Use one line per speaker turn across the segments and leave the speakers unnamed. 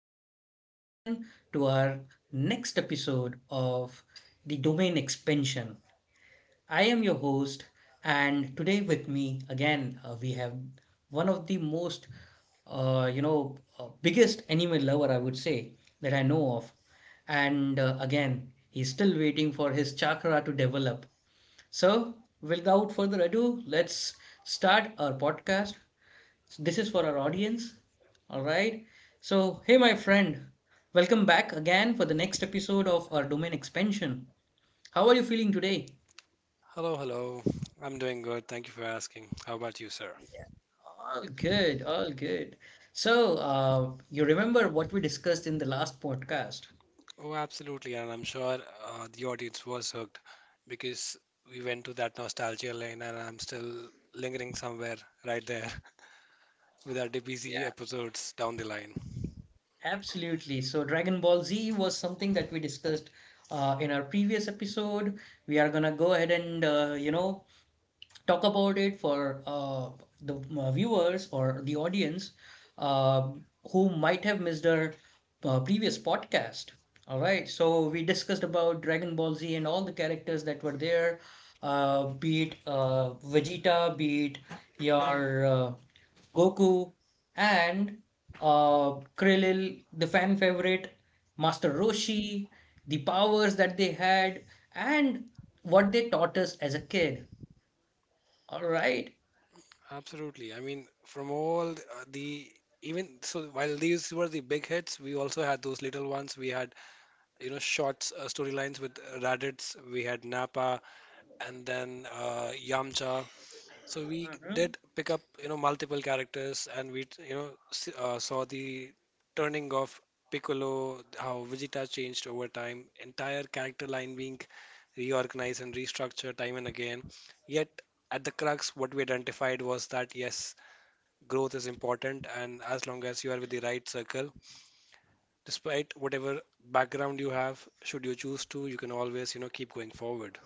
Welcome back again to our next episode of the domain expansion. I am your host, and today with me again we have one of the most, biggest anime lover I would say that I know of, and again he's still waiting for his chakra to develop. So, Without further ado, let's start our podcast so this is for our audience. All right. So, hey, my friend, welcome back again for the next episode of our domain expansion. How are you feeling today?
Hello, hello. I'm doing good. Thank you for asking. How about you, sir?
All good, all good. So, you remember what we discussed in the last podcast?
Oh, absolutely. And I'm sure the audience was hooked because we went to that nostalgia lane, and I'm still lingering somewhere right there with our DBZ
Yeah,
episodes down the line.
absolutely. So, Dragon Ball Z was something that we discussed in our previous episode. We are gonna go ahead and talk about it for the viewers or the audience uh, who might have missed our previous podcast. All right, so we discussed about Dragon Ball Z and all the characters that were there, be it Vegeta, be it your Goku, and Krillin, the fan favorite, Master Roshi, the powers that they had, and what they taught us as a kid. All right.
Absolutely. I mean, from all the even so while these were the big hits, we also had those little ones. We had you know short storylines with Raditz. We had Nappa, and then Yamcha. So we
Mhm.
did pick up, you know, multiple characters, and we, you know, saw the turning of Piccolo, how Vegeta changed over time, entire character line being reorganized and restructured time and again. Yet at the crux, what we identified was that yes, growth is important, and as long as you are with the right circle, despite whatever background you have, should you choose to, you can always, you know, keep going forward.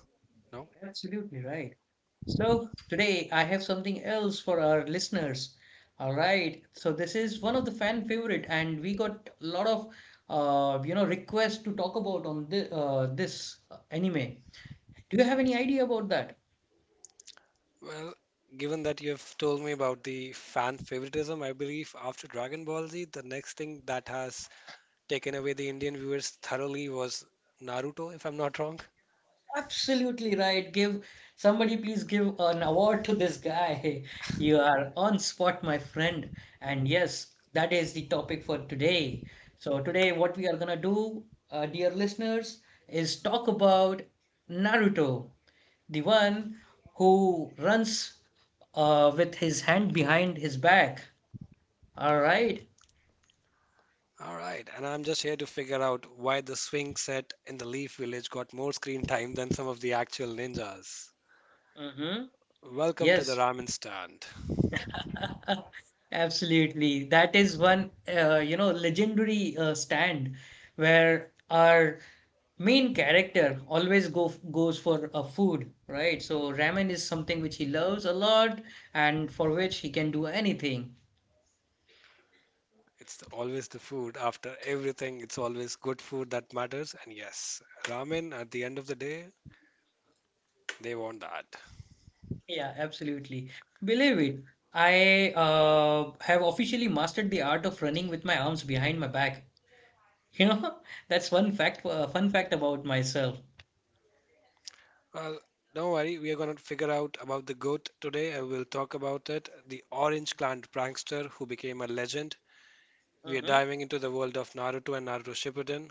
Now.
Absolutely right. So today I have something else for our listeners. All right. So this is one of the fan favorite, and we got a lot of requests to talk about on this anime. Do you have any idea about that?
Well, given that you have told me about the fan favoritism, I believe after Dragon Ball Z, the next thing that has taken away the Indian viewers thoroughly was Naruto, if I'm not wrong.
Absolutely right. Give somebody please give an award to this guy. You are on spot, my friend. And yes, that is the topic for today. So today what we are gonna do, dear listeners, is talk about Naruto, the one who runs with his hand behind his back. All right.
All right, and I'm just here to figure out why the swing set in the Leaf Village got more screen time than some of the actual ninjas.
Mm-hmm.
Welcome to the
Yes.
ramen stand.
Absolutely. That is one, legendary stand where our main character always go goes for a food, right? So ramen is something which he loves a lot and for which he can do anything.
Always the food after everything. It's always good food that matters, and yes, ramen at the end of the day, they want that.
Yeah, absolutely. Believe it, I have officially mastered the art of running with my arms behind my back. You know, that's one fun fact about myself.
Well, don't worry, we are going to figure out about the goat today. I will talk about it, the orange Clan prankster who became a legend. We are diving into the world of Naruto and Naruto Shippuden.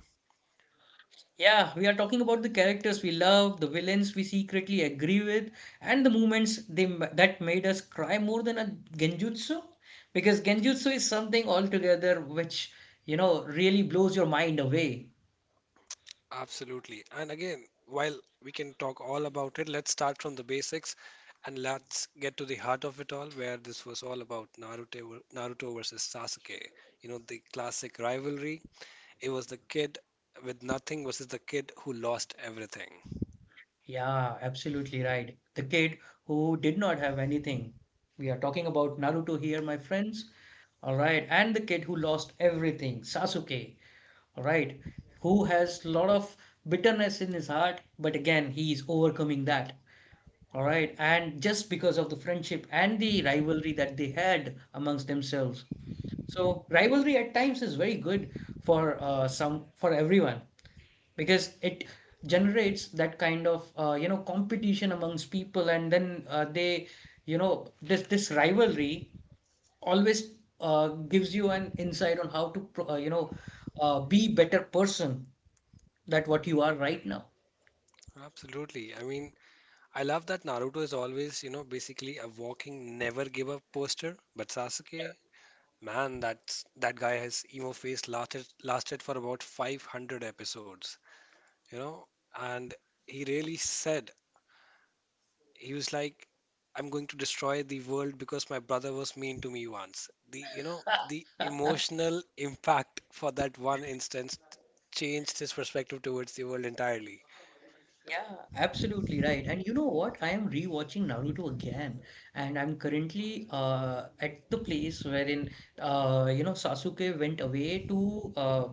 Yeah, we are talking about the characters we love, the villains we secretly agree with, and the moments they that made us cry more than a genjutsu. Because genjutsu is something altogether which, you know, really blows your mind away.
Absolutely. And again, while we can talk all about it, let's start from the basics and let's get to the heart of it all, where this was all about Naruto, Naruto versus Sasuke. You know, the classic rivalry. It was the kid with nothing versus the kid who lost everything.
Yeah, absolutely right. The kid who did not have anything. We are talking about Naruto here, my friends. All right, and the kid who lost everything, Sasuke. All right, who has a lot of bitterness in his heart, but again, he is overcoming that. All right. And just because of the friendship and the rivalry that they had amongst themselves. So rivalry at times is very good for some for everyone because it generates that kind of competition amongst people and then they you know, this rivalry always gives you an insight on how to be better person that what you are right now.
Absolutely. I mean, I love that Naruto is always, you know, basically a walking never give up poster, but Sasuke, man, that guy has emo face lasted for about 500 episodes, you know, and he really said he was like I'm going to destroy the world because my brother was mean to me once. The, you know, the emotional impact for that one instance changed his perspective towards the world entirely.
Yeah, absolutely right. And you know what? I am rewatching Naruto again, and I'm currently at the place wherein Sasuke went away to uh,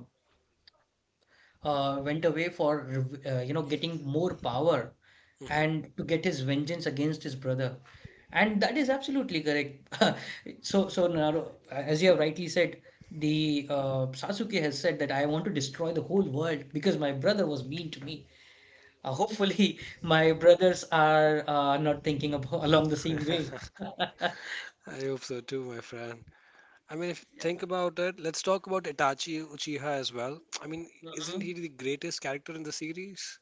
uh, went away for getting more power
Hmm.
and to get his vengeance against his brother. And that is absolutely correct. So Naruto, as you have rightly said, the Sasuke has said that I want to destroy the whole world because my brother was mean to me. Hopefully, my brothers are not thinking about along the same
I
way.
hope so too, my friend. I mean, if you think about it, let's talk about Itachi Uchiha as well. I mean, isn't he
Mhm.
the greatest character in the series?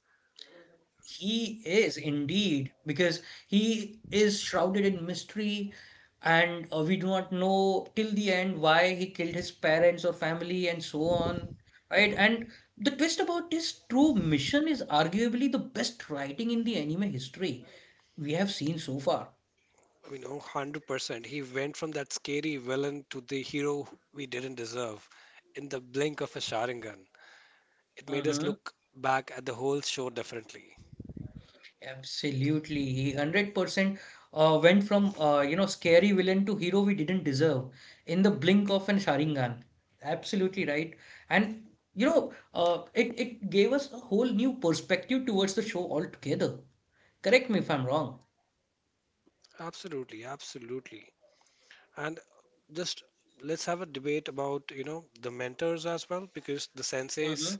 He is indeed, because he is shrouded in mystery, and we do not know till the end why he killed his parents or family and so on, right?
Hmm.
And the twist about his true mission is arguably the best writing in the anime history we have seen so far.
I mean, oh, 100%. He went from that scary villain to the hero we didn't deserve in the blink of a Sharingan. It made us look back at the whole show differently.
Absolutely, he 100% went from scary villain to hero we didn't deserve in the blink of an Sharingan. Absolutely right, and you know, it gave us a whole new perspective towards the show altogether. Correct me if I'm wrong.
Absolutely, absolutely. And just let's have a debate about, you know, the mentors as well, because the
Hmm
senseis,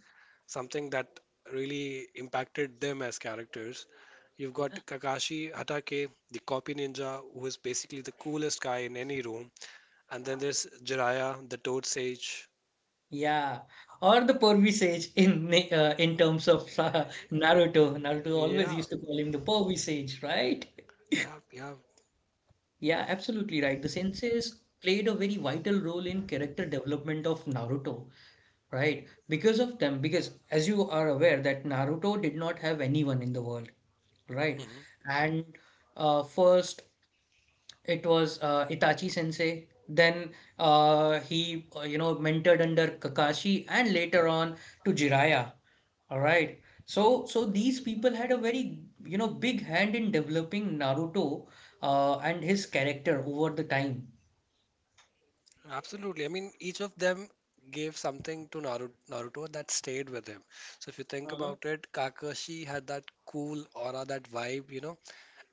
something that really impacted them as characters. You've got
Yeah.
Kakashi Hatake, the copy ninja, who is basically the coolest guy in any room. And then there's Jiraiya, the toad sage.
Yeah, or the Purvi Sage in in terms of Naruto. Naruto always
Yeah,
used to call him the Purvi Sage, right?
yeah, yeah.
Yeah, absolutely right. The senseis played a very vital role in character development of Naruto, right? Because of them, because as you are aware that Naruto did not have anyone in the world, right?
Hmm.
And first it was Itachi Sensei, then he mentored under Kakashi and later on to Jiraiya, all right? So these people had a very you know big hand in developing Naruto and his character over the time.
Absolutely. I mean, each of them gave something to Naruto that stayed with him. So if you
Uh
think
huh.
about it, Kakashi had that cool aura, that vibe, you know.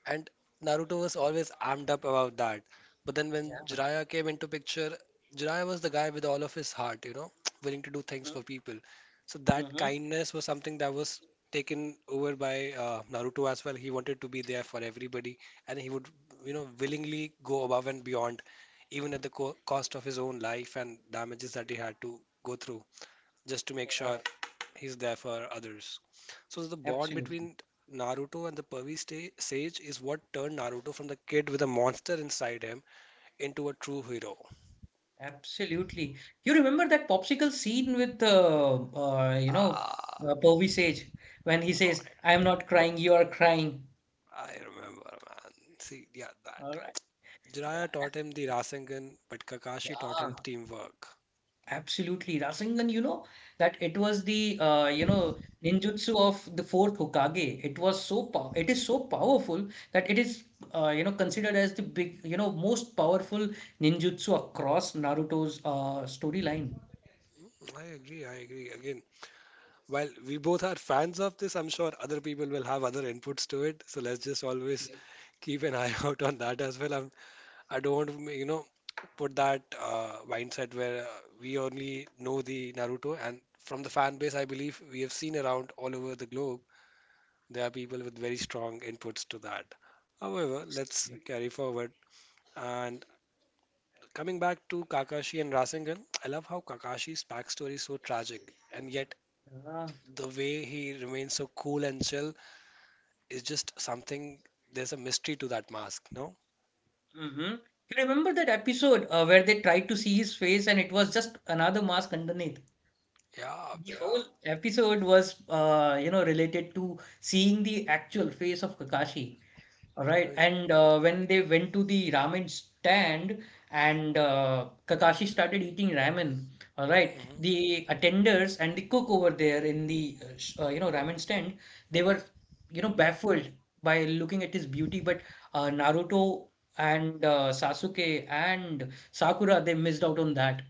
And Naruto was always armed up about that. But then when
Yeah.
Jiraiya came into picture, Jiraiya was the guy with all of his heart, you know, willing to do things for people. So
Uh
that
huh.
kindness was something that was taken over by Naruto as well. He wanted to be there for everybody, and he would, you know, willingly go above and beyond, even at the co cost of his own life and damages that he had to go through just to make
Yeah.
sure he's there for others. So the bond
Absolutely.
between Naruto and the Pervy Sage is what turned Naruto from the kid with a monster inside him into a true hero.
Absolutely. You remember that popsicle scene with
Ah,
Povey Sage when he
oh
says, "I am not crying, you are crying."
my, I remember, man. See, yeah, that.
All right. Yeah.
Jiraiya taught him the Rasengan, but Kakashi taught
Yeah.
him teamwork.
Absolutely, Rasengan, that it was the ninjutsu of the fourth Hokage. It was so pow it is so powerful that it is considered as the big you know most powerful ninjutsu across Naruto's storyline.
I agree, I agree. Again, while we both are fans of this, I'm sure other people will have other inputs to it. So let's just always
Absolutely.
keep an eye out on that as well. I don't want to, you know, put that mindset where we only know the Naruto. And from the fan base, I believe we have seen around all over the globe, there are people with very strong inputs to that. However, let's carry forward. And coming back to Kakashi and Rasengan, I love how Kakashi's backstory is so tragic, and yet
Ah,
the way he remains so cool and chill is just something. There's a mystery to that mask, no?
mhm. You remember that episode where they tried to see his face and it was just another mask underneath?
Yeah,
The
yeah.
whole episode was related to seeing the actual face of Kakashi. All
I
right,
mean,
and when they went to the ramen stand and Kakashi started eating ramen, all right,
mhm.
the attenders and the cook over there in the ramen stand, they were you know baffled by looking at his beauty, but Naruto and Sasuke and Sakura they missed out on that.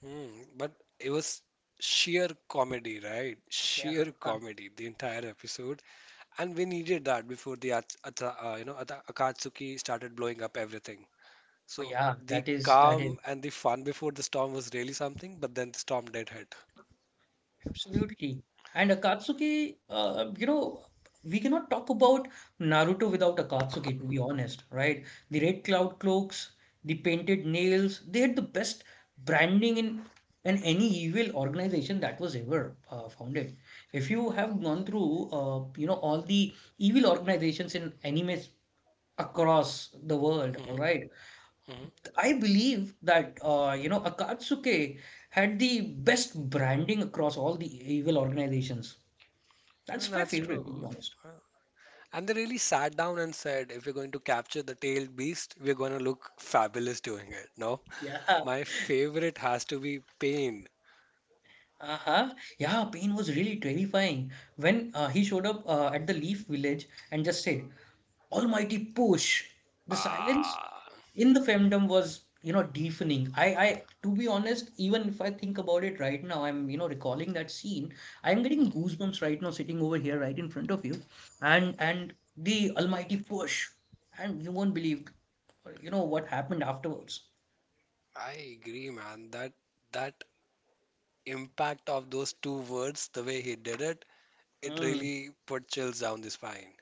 Hmm, but it was sheer comedy, right?
Yeah,
Sheer
oh,
comedy, the entire episode, and we needed that before the Akatsuki started blowing up everything. So
yeah,
the
that is that is.
calm and the fun before the storm was really something, but then the storm did hit.
Absolutely. And Akatsuki, we cannot talk about Naruto without Akatsuki, to be honest, right? The red cloud cloaks, the painted nails, they had the best branding in any evil organization that was ever founded. If you have gone through, all the evil organizations in animes across the world,
Hmm.
all right,
Hmm.
I believe that Akatsuke had the best branding across all the evil organizations.
And
That's my
that's
favorite,
true.
to be honest.
Uh, And they really sat down and said, if we're going to capture the tailed beast, we're going to look fabulous doing it. No,
Yeah,
my favorite has to be Pain.
uh-huh. Yeah, Pain was really terrifying when he showed up at the Leaf Village and just said, "Almighty push." The silence
Ah.
in the femdom was you know deafening I to be honest even if I think about it right now I'm you know recalling that scene I'm getting
Hmm.
goosebumps right now sitting over here right in front of you and the almighty push and you won't believe you know what happened afterwards
I agree, man. That impact of those two words, the way he did it, it
mm,
really put chills down the spine.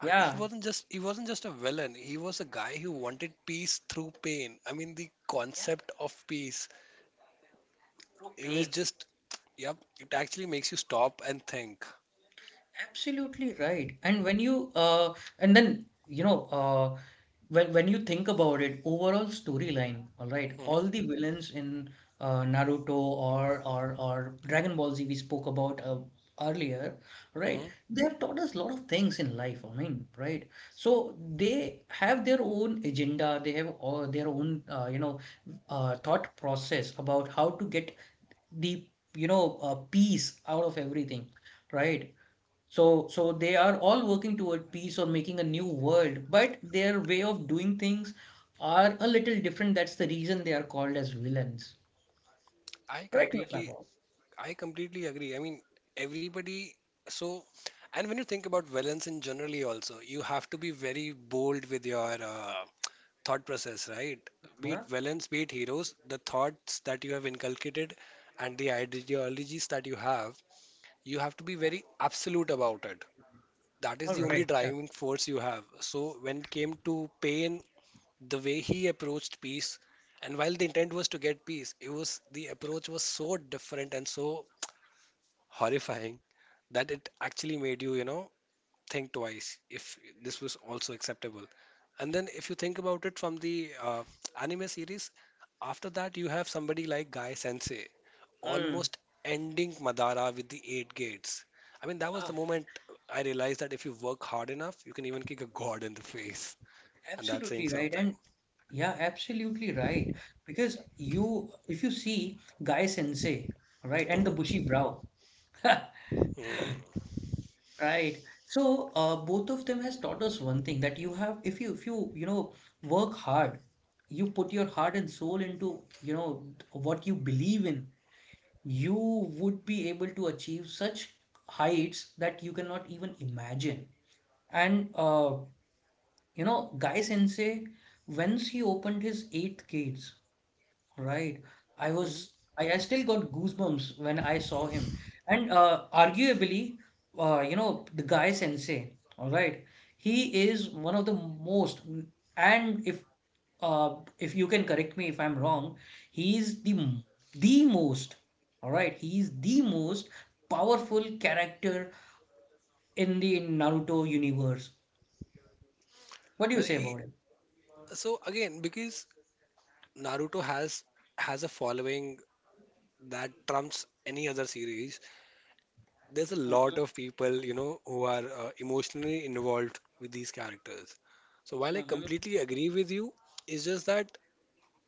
And he wasn't just a villain. He was a guy who wanted peace through pain. I mean, the
yeah
concept of peace,
bro
it was
pain
just, yep, it actually makes you stop and think.
absolutely right and when you and then you know when you think about it, overall storyline, all right, all
Hmm.
the villains in Naruto or Dragon Ball Z we spoke about earlier, right?
Hmm.
They have taught us a lot of things in life. I mean, right? So they have their own agenda. They have all their own, thought process about how to get the, peace out of everything, right? So they are all working toward peace or making a new world, but their way of doing things are a little different. That's the reason they are called as villains.
I
Correct me if I'm
completely
wrong.
I completely agree. I mean, everybody so and when you think about villains in generally also, you have to be very bold with your thought process, right? Be it
Huh?
villains, be it heroes, the thoughts that you have inculcated and the ideologies that you have to be very absolute about it. That is
All
the only
right. Yeah.
driving force you have. So when it came to pain, the way he approached peace, and while the intent was to get peace, it was the approach was so different and so horrifying that it actually made you, you know, think twice if this was also acceptable. And then if you think about it from the anime series, after that you have somebody like Guy Sensei
Mm.
almost ending Madara with the eight gates. I mean, that was
Yeah,
the moment I realized that if you work hard enough, you can even kick a god in the face. And that's saying
absolutely right.
something.
And yeah, absolutely right. Because you, if you see Guy Sensei, right, and the
Hmm.
bushy brow. Right. So both of them has taught us one thing that you have if you you know work hard, you put your heart and soul into what you believe in, you would be able to achieve such heights that you cannot even imagine. And Guy Sensei, once he opened his eighth gates. Right. I was
Hmm.
I still got goosebumps when I saw him. And arguably, the guy Sensei, all right, he is one of the most and if you can correct me if I'm wrong, he is the most, all right, he is the most powerful character in the Naruto universe. What do you
Well,
say
he,
about him?
so again, because Naruto has a following that trumps any other series. There's a
Mm-hmm,
lot of people, you know, who are emotionally involved with these characters. So while I
mm-hmm,
completely agree with you, it's just that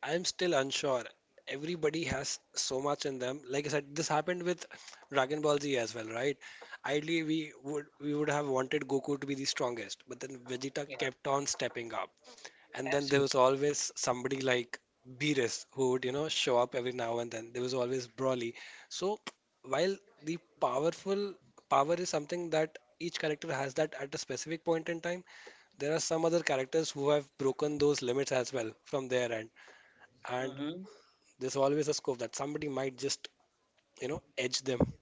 I'm still unsure. Everybody has so much in them. Like I said, this happened with Dragon Ball Z as well, right? Ideally, we would have wanted Goku to be the strongest, but then Vegeta
yeah,
kept on stepping up. And then there was
absolutely.
always somebody like Beerus who would, you know, show up every now and then. There was always Broly. So while the powerful power is something that each character has that at a specific point in time, there are some other characters who have broken those limits as well from their end. And
Mm-hmm,
there's always a scope that somebody might just, you know, edge them.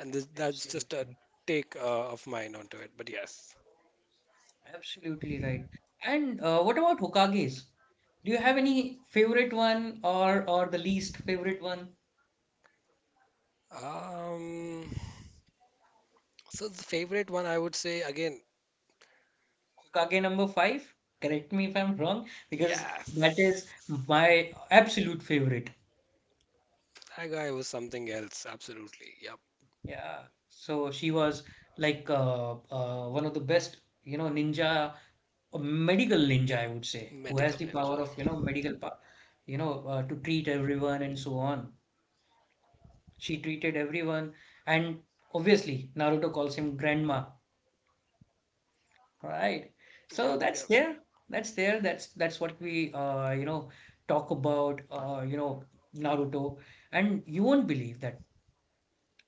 And this, that's just a
absolutely.
take of mine onto it. But yes.
Absolutely right. And what about Hokages? Do you have any favorite one or the least favorite one?
Um, so the favorite one I would say again,
Hokage number five? Correct me if I'm wrong, because that is
yes.
my absolute favorite.
That guy was something else, absolutely. Yep,
Yeah. So she was like one of the best, you know, ninja, a medical ninja, I would say, who has
medical
the
ninja.
power of, you know, medical power, to treat everyone and so on. She treated everyone, and obviously Naruto calls him grandma. Right. So
Yep,
that's
yep,
there. That's there. That's what we you know talk about you know Naruto, and you won't believe that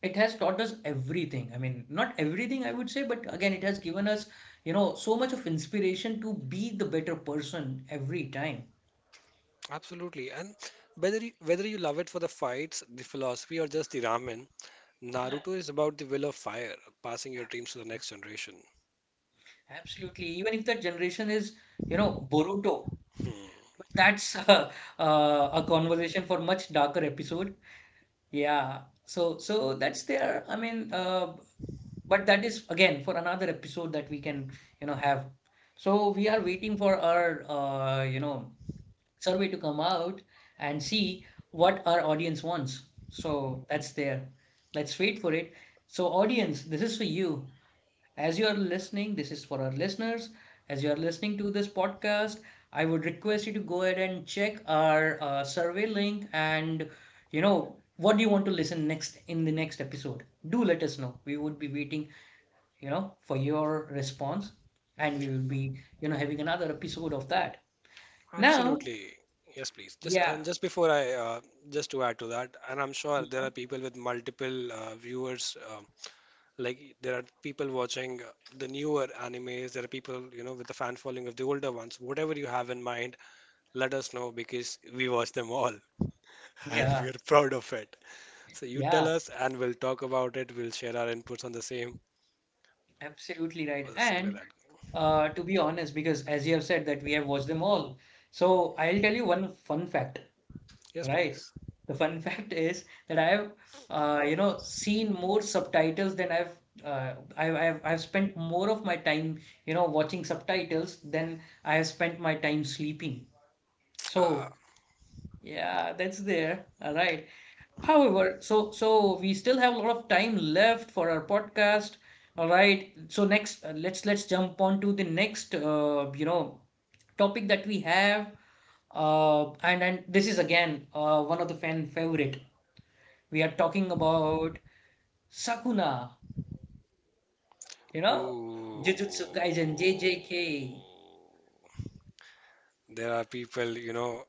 it has taught us everything. I mean, not everything I would say, but again it has given us you know so much of inspiration to be the better person every time.
absolutely. And whether you love it for the fights, the philosophy, or just the ramen, Naruto is about the will of fire, passing your dreams to the
Absolutely.
next generation.
Absolutely. Even if that generation is you know Boruto,
Hmm.
but that's a conversation for much darker episode. Yeah, so that's there. But that is again for another episode that we can, you know, have. So we are waiting for our, you know, survey to come out and see what our audience wants. So that's there. Let's wait for it. So audience, this is for you. As you are listening, this is for our listeners. As you are listening to this podcast, I would request you to go ahead and check our survey link and you know what do you want to listen next in the next episode. Do let us know. We would be waiting, you know, for your response, and we will be, you know, having another episode of that. Now,
Absolutely. Yes, please.
yeah,
Just before I just to add to that, and I'm sure there
yeah,
are people with multiple viewers. Like there are people watching the newer animes. There are people, you know, with the fan following of the older ones. Whatever you have in mind, let us know because we watch them all and
yeah,
we are proud of it. So you tell
yeah,
us and we'll talk about it. We'll share our inputs on the same.
absolutely right.
We'll see where
And
that.
to be honest, because as you have said that we have watched them all. So I'll tell you one fun fact.
Yes,
Right.
please.
The fun fact is that I've you know seen more subtitles than I've spent more of my time you know watching subtitles than I have spent my time sleeping. So
Ah,
yeah, that's there. All right. However, we still have a lot of time left for our podcast. All right. So next, let's jump on to the next you know topic that we have. And this is again one of the fan favorite. We are talking about Sakuna, you know, Jujutsu Kaisen,
ooh.
JJK.
There are people, you know,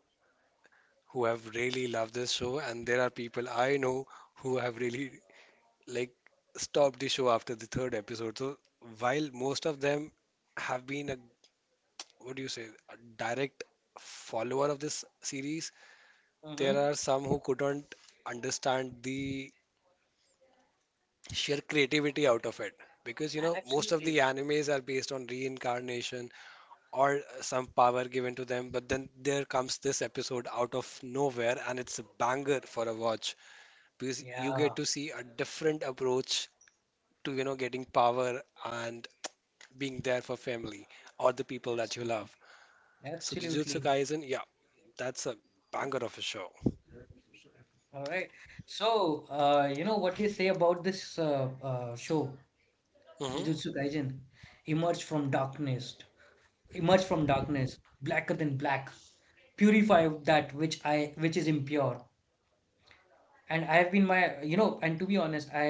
who have really loved this show, and there are people I know who have really, like, stopped the show after the third episode. So while most of them have been a, what do you say, a direct follower of this series, there
hmm
are some who couldn't understand the sheer creativity out of it because you
Yeah,
know most of the
absolutely.
animes are based on reincarnation or some power given to them, but then there comes this episode out of nowhere and it's a banger for a watch because you get
Yeah,
to see a different approach to you know getting power and being there for family or the people that you
absolutely.
love. So Jujutsu
Absolutely.
Kaisen, yeah, that's a banger of a show.
All right. So, you know what they say about this show, Jujutsu Kaisen? Emerge from darkness, emerge from darkness, blacker than black. Purify that which is impure. And I have been my you know and to be honest, I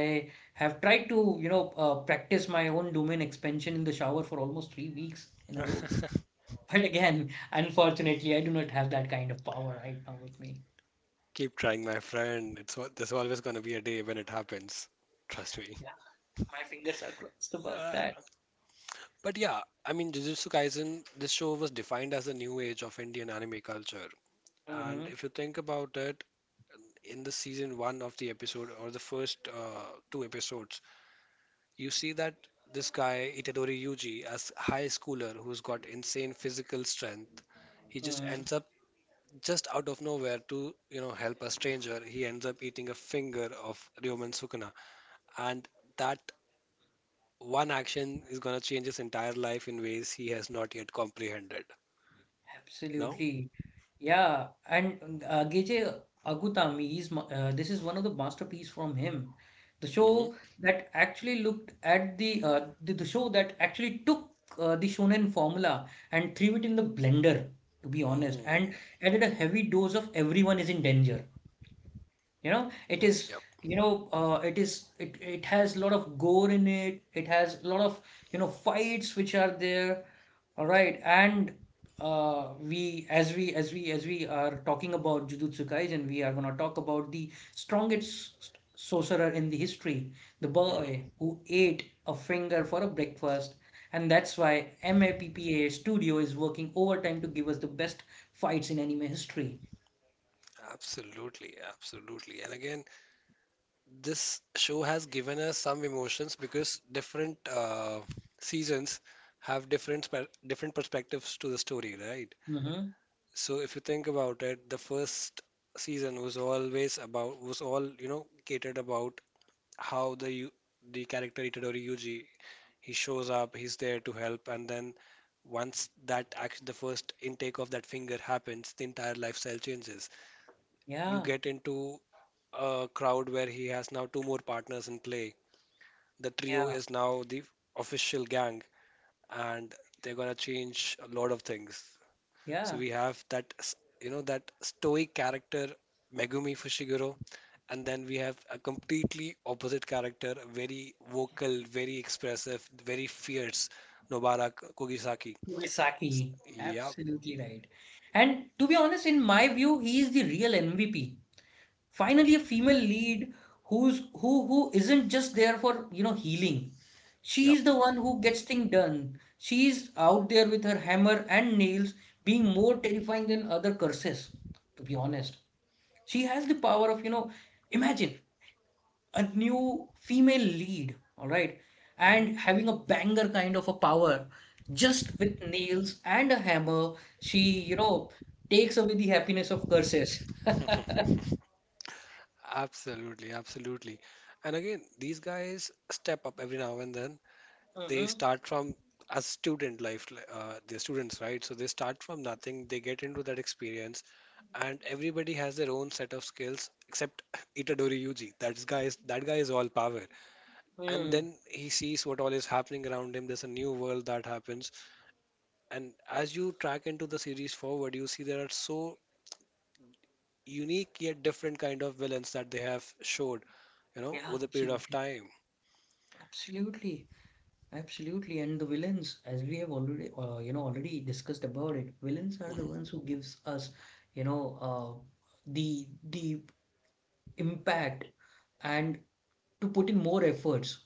have tried to, you know, practice my own domain expansion in the shower for almost 3 weeks in a row.
Hmm.
But again, unfortunately, I do not have that kind of power right now with me.
Keep trying, my friend. There's always gonna be a day when it happens. Trust me.
Yeah, my fingers are crossed about
Uh,
that.
but yeah, I mean, Jujutsu Kaisen, this show was defined as the new age of Indian anime culture. And
hmm
if you think about it, in the season one of the episode or the first two episodes, you see that this guy Itadori Yuji, as high schooler who's got insane physical strength, he just
hmm
ends up just out of nowhere to you know help a stranger. He ends up eating a finger of Ryomen Sukuna, and that one action is going to change his entire life in ways he has not yet comprehended. No?
Absolutely. Yeah, and Geje Agutami is this is one of the masterpiece from him. The
Mm-hmm.
show that actually looked at the show that actually took the shonen formula and threw it in the blender, to be honest,
Mm.
and added a heavy dose of everyone is in danger. You know,
Yep.
it has a lot of gore in it. It has a lot of, you know, fights which are there. All right. And as we are talking about Jujutsu Kaisen, we are going to talk about the strongest sorcerer in the history, the
Hmm.
boy who ate a finger for a breakfast. And that's why MAPPA Studio is working overtime to give us the best fights in anime history.
Absolutely. Absolutely. And again, this show has given us some emotions because different seasons have different different perspectives to the story, right?
Mm-hmm.
So if you think about it, the first season was always about, was all you know catered about how the character Itadori Yuji, he shows up, he's there to help, and then once that action, the first intake of that finger happens, the entire lifestyle changes. You
Yeah.
get into a crowd where he has now two more partners in play. The trio
Yeah.
is now the official gang, and they're gonna change a lot of things. So
Yeah.
we have that, you know, that stoic character, Megumi Fushiguro, and then we have a completely opposite character, very vocal, very expressive, very fierce, Nobara Kugisaki.
Moisaki,
Yep,
absolutely right. And to be honest, in my view, he is the real MVP. Finally, a female lead who isn't just there for, you know, healing. She
yep.
is the one who gets things done. She is out there with her hammer and nails, being more terrifying than other curses, to be honest. She has the power of, you know, imagine a new female lead, all right,
Hmm.
and having a banger kind of a power just with nails and a hammer, she, you know, takes away the happiness of curses.
Absolutely, absolutely. And again, these guys step up every now and then. They
Mm-hmm.
start from as student life, they're students, right? So they start from nothing. They get into that experience, and everybody has their own set of skills except Itadori Yuji. That guy is all power. And
Mm.
then he sees what all is happening around him. There's a new world that happens. And as you track into the series forward, you see there are so unique yet different kind of villains that they have showed, you know,
Yeah,
over the period of
absolutely.
time.
Absolutely. Absolutely. And the villains, as we have already you know already discussed about it, villains are the ones
Hmm.
who gives us, you know, uh, the the impact and to put in more efforts,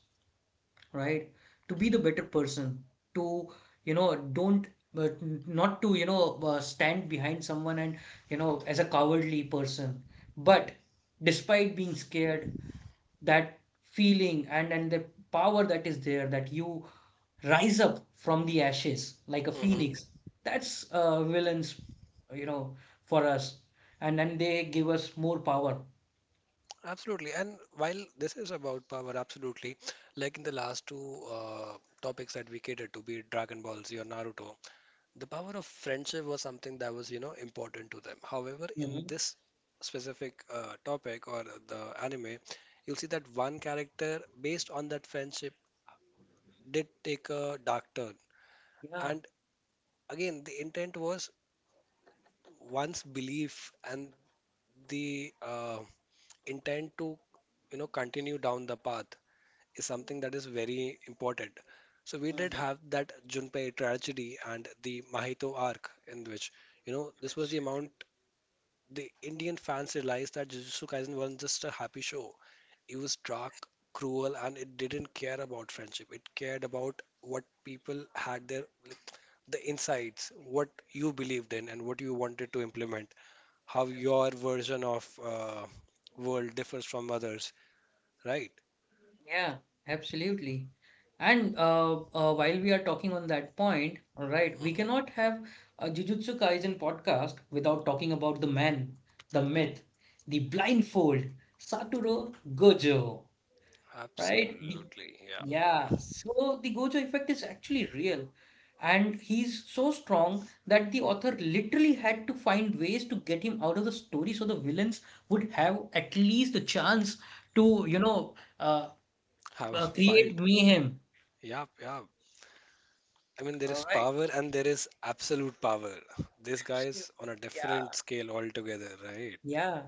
right? To be the better person, to, you know, don't, but not to, you know, stand behind someone and, you know, as a cowardly person. But despite being scared, that feeling and the power that is there that you rise up from the ashes like a
Hmm.
phoenix, that's villains, you know, for us. And then they give us more power.
Absolutely. And while this is about power, absolutely, like in the last two topics that we catered to, be it Dragon Ball Z or Naruto, the power of friendship was something that was you know important to them. However, in
hmm
this specific topic or the anime, you'll see that one character based on that friendship did take a dark turn,
Yeah.
and again the intent was one's belief and the intent to you know continue down the path is something that is very important. So we did
hmm
have that Junpei tragedy and the Mahito arc in which you know this was the
Absolutely.
amount the Indian fans realized that Jujutsu Kaisen wasn't just a happy show. It was dark, cruel, and it didn't care about friendship. It cared about what people had, their the insights, what you believed in, and what you wanted to implement. How your
Absolutely.
version of world differs from others, right?
Yeah, absolutely. And while we are talking on that point, all right, we
Hmm.
cannot have a Jujutsu Kaisen podcast without talking about the man, the myth, the blindfold, Satoru Gojo, right? The
Absolutely, yeah.
Yeah, so the Gojo effect is actually real. And he's so strong that the author literally had to find ways to get him out of the story so the villains would have at least a chance to, you know, uh,
Have a
create
fight.
mayhem.
Yep, yep. I mean, there
All
is
right.
power and there is absolute power. This guy's on a different
Yeah,
scale altogether, right?
yeah.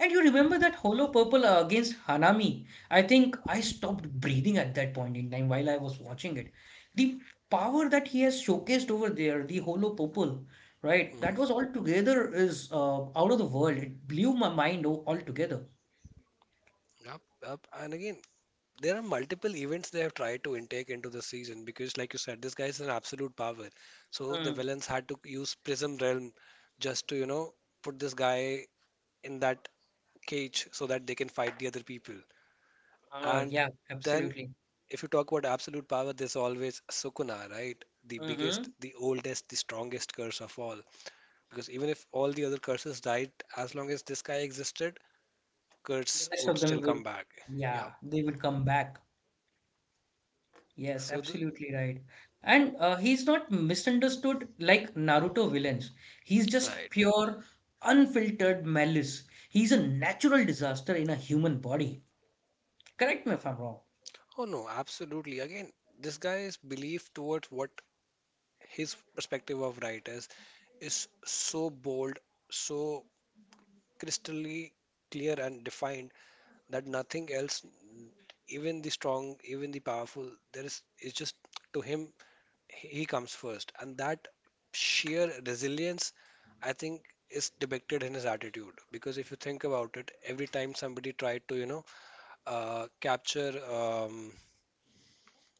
And you remember that Holo Purple against Hanami? I think I stopped breathing at that point in time while I was watching it. The power that he has showcased over there, the Holo Purple, right? That was altogether is out of the world. It blew my mind altogether.
Up, up, and again, there are multiple events they have tried to intake into the season because, like you said, this guy is an absolute power. So the
Mm.
villains had to use Prism Realm just to, you know, put this guy in that cage so that they can fight the other people.
Oh,
And
yeah,
then,
absolutely.
if you talk about absolute power, there's always Sukuna, right? The biggest,
hmm
the oldest, the strongest curse of all. Because even if all the other curses died, as long as this guy existed,
The
curse
rest
would
of
still
them
come
would,
back. Yep.
yeah, they would come back. Yes,
So the
absolutely right. And he's not misunderstood like Naruto villains. He's just
right.
pure, unfiltered malice. He's a natural disaster in a human body. Correct me if I'm wrong.
Oh no, absolutely. Again, this guy's belief towards what his perspective of right is so bold, so crystally clear and defined that nothing else, even the strong, even the powerful, there is it's just to him he comes first, and that sheer resilience, I think, is depicted in his attitude. Because if you think about it, every time somebody tried to you know capture. Um,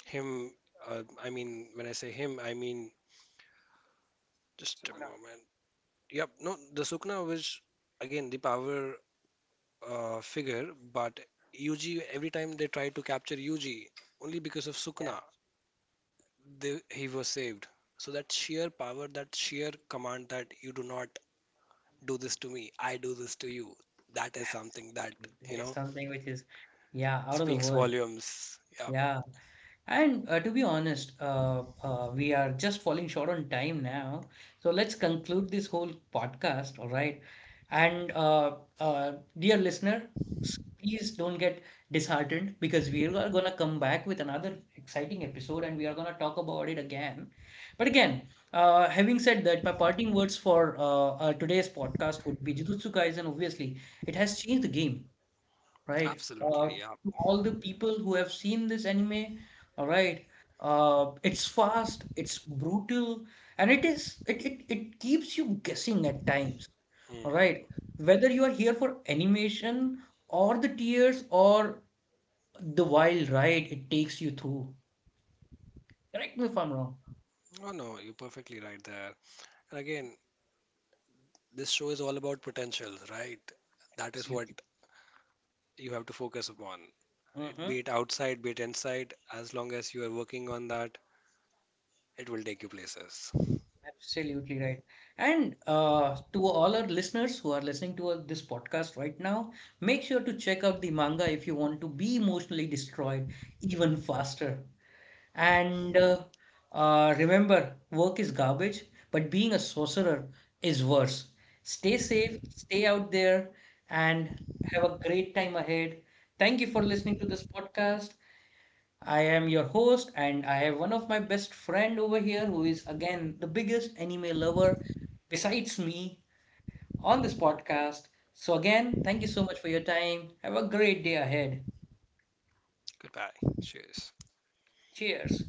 Him, I mean, when I say him, I mean just a
Sukuna.
moment. Yep, no, the Sukna was again the power figure, but Yuji, every time they tried to capture Yuji, only because of
Yeah,
Sukna, they, he was saved. So that sheer power, that sheer command that you do not do this to me, I do this to you, that is something that,
absolutely.
you
That is
know,
something which is, yeah, out of the
speaks
world.
volumes. Yeah,
Yeah. And to be honest, we are just falling short on time now. So let's conclude this whole podcast, all right? And uh, dear listener, please don't get disheartened because we are going to come back with another exciting episode and we are going to talk about it again. But again, having said that, my parting words for today's podcast would be Jujutsu Kaisen, obviously. It has changed the game, right?
absolutely. Yeah.
To all the people who have seen this anime, all right. It's fast, it's brutal, and it is it it, it keeps you guessing at times, all right.
Mhm.
Whether you are here for animation or the tears or the wild ride it takes you through. Correct me if I'm wrong.
Oh no, you're perfectly right there. And again, this show is all about potential, right? That is what
Absolutely.
you have to focus upon. It be it outside, be it inside, as long as you are working on that, it will take you places.
Absolutely right. And to all our listeners who are listening to this podcast right now, make sure to check out the manga if you want to be emotionally destroyed even faster.
Mhm.
And remember, work is garbage, but being a sorcerer is worse. Stay safe, stay out there, and have a great time ahead. Thank you for listening to this podcast. I am your host, and I have one of my best friend over here who is again the biggest anime lover besides me on this podcast. So again, thank you so much for your time. Have a great day ahead.
Goodbye. Cheers.
Cheers.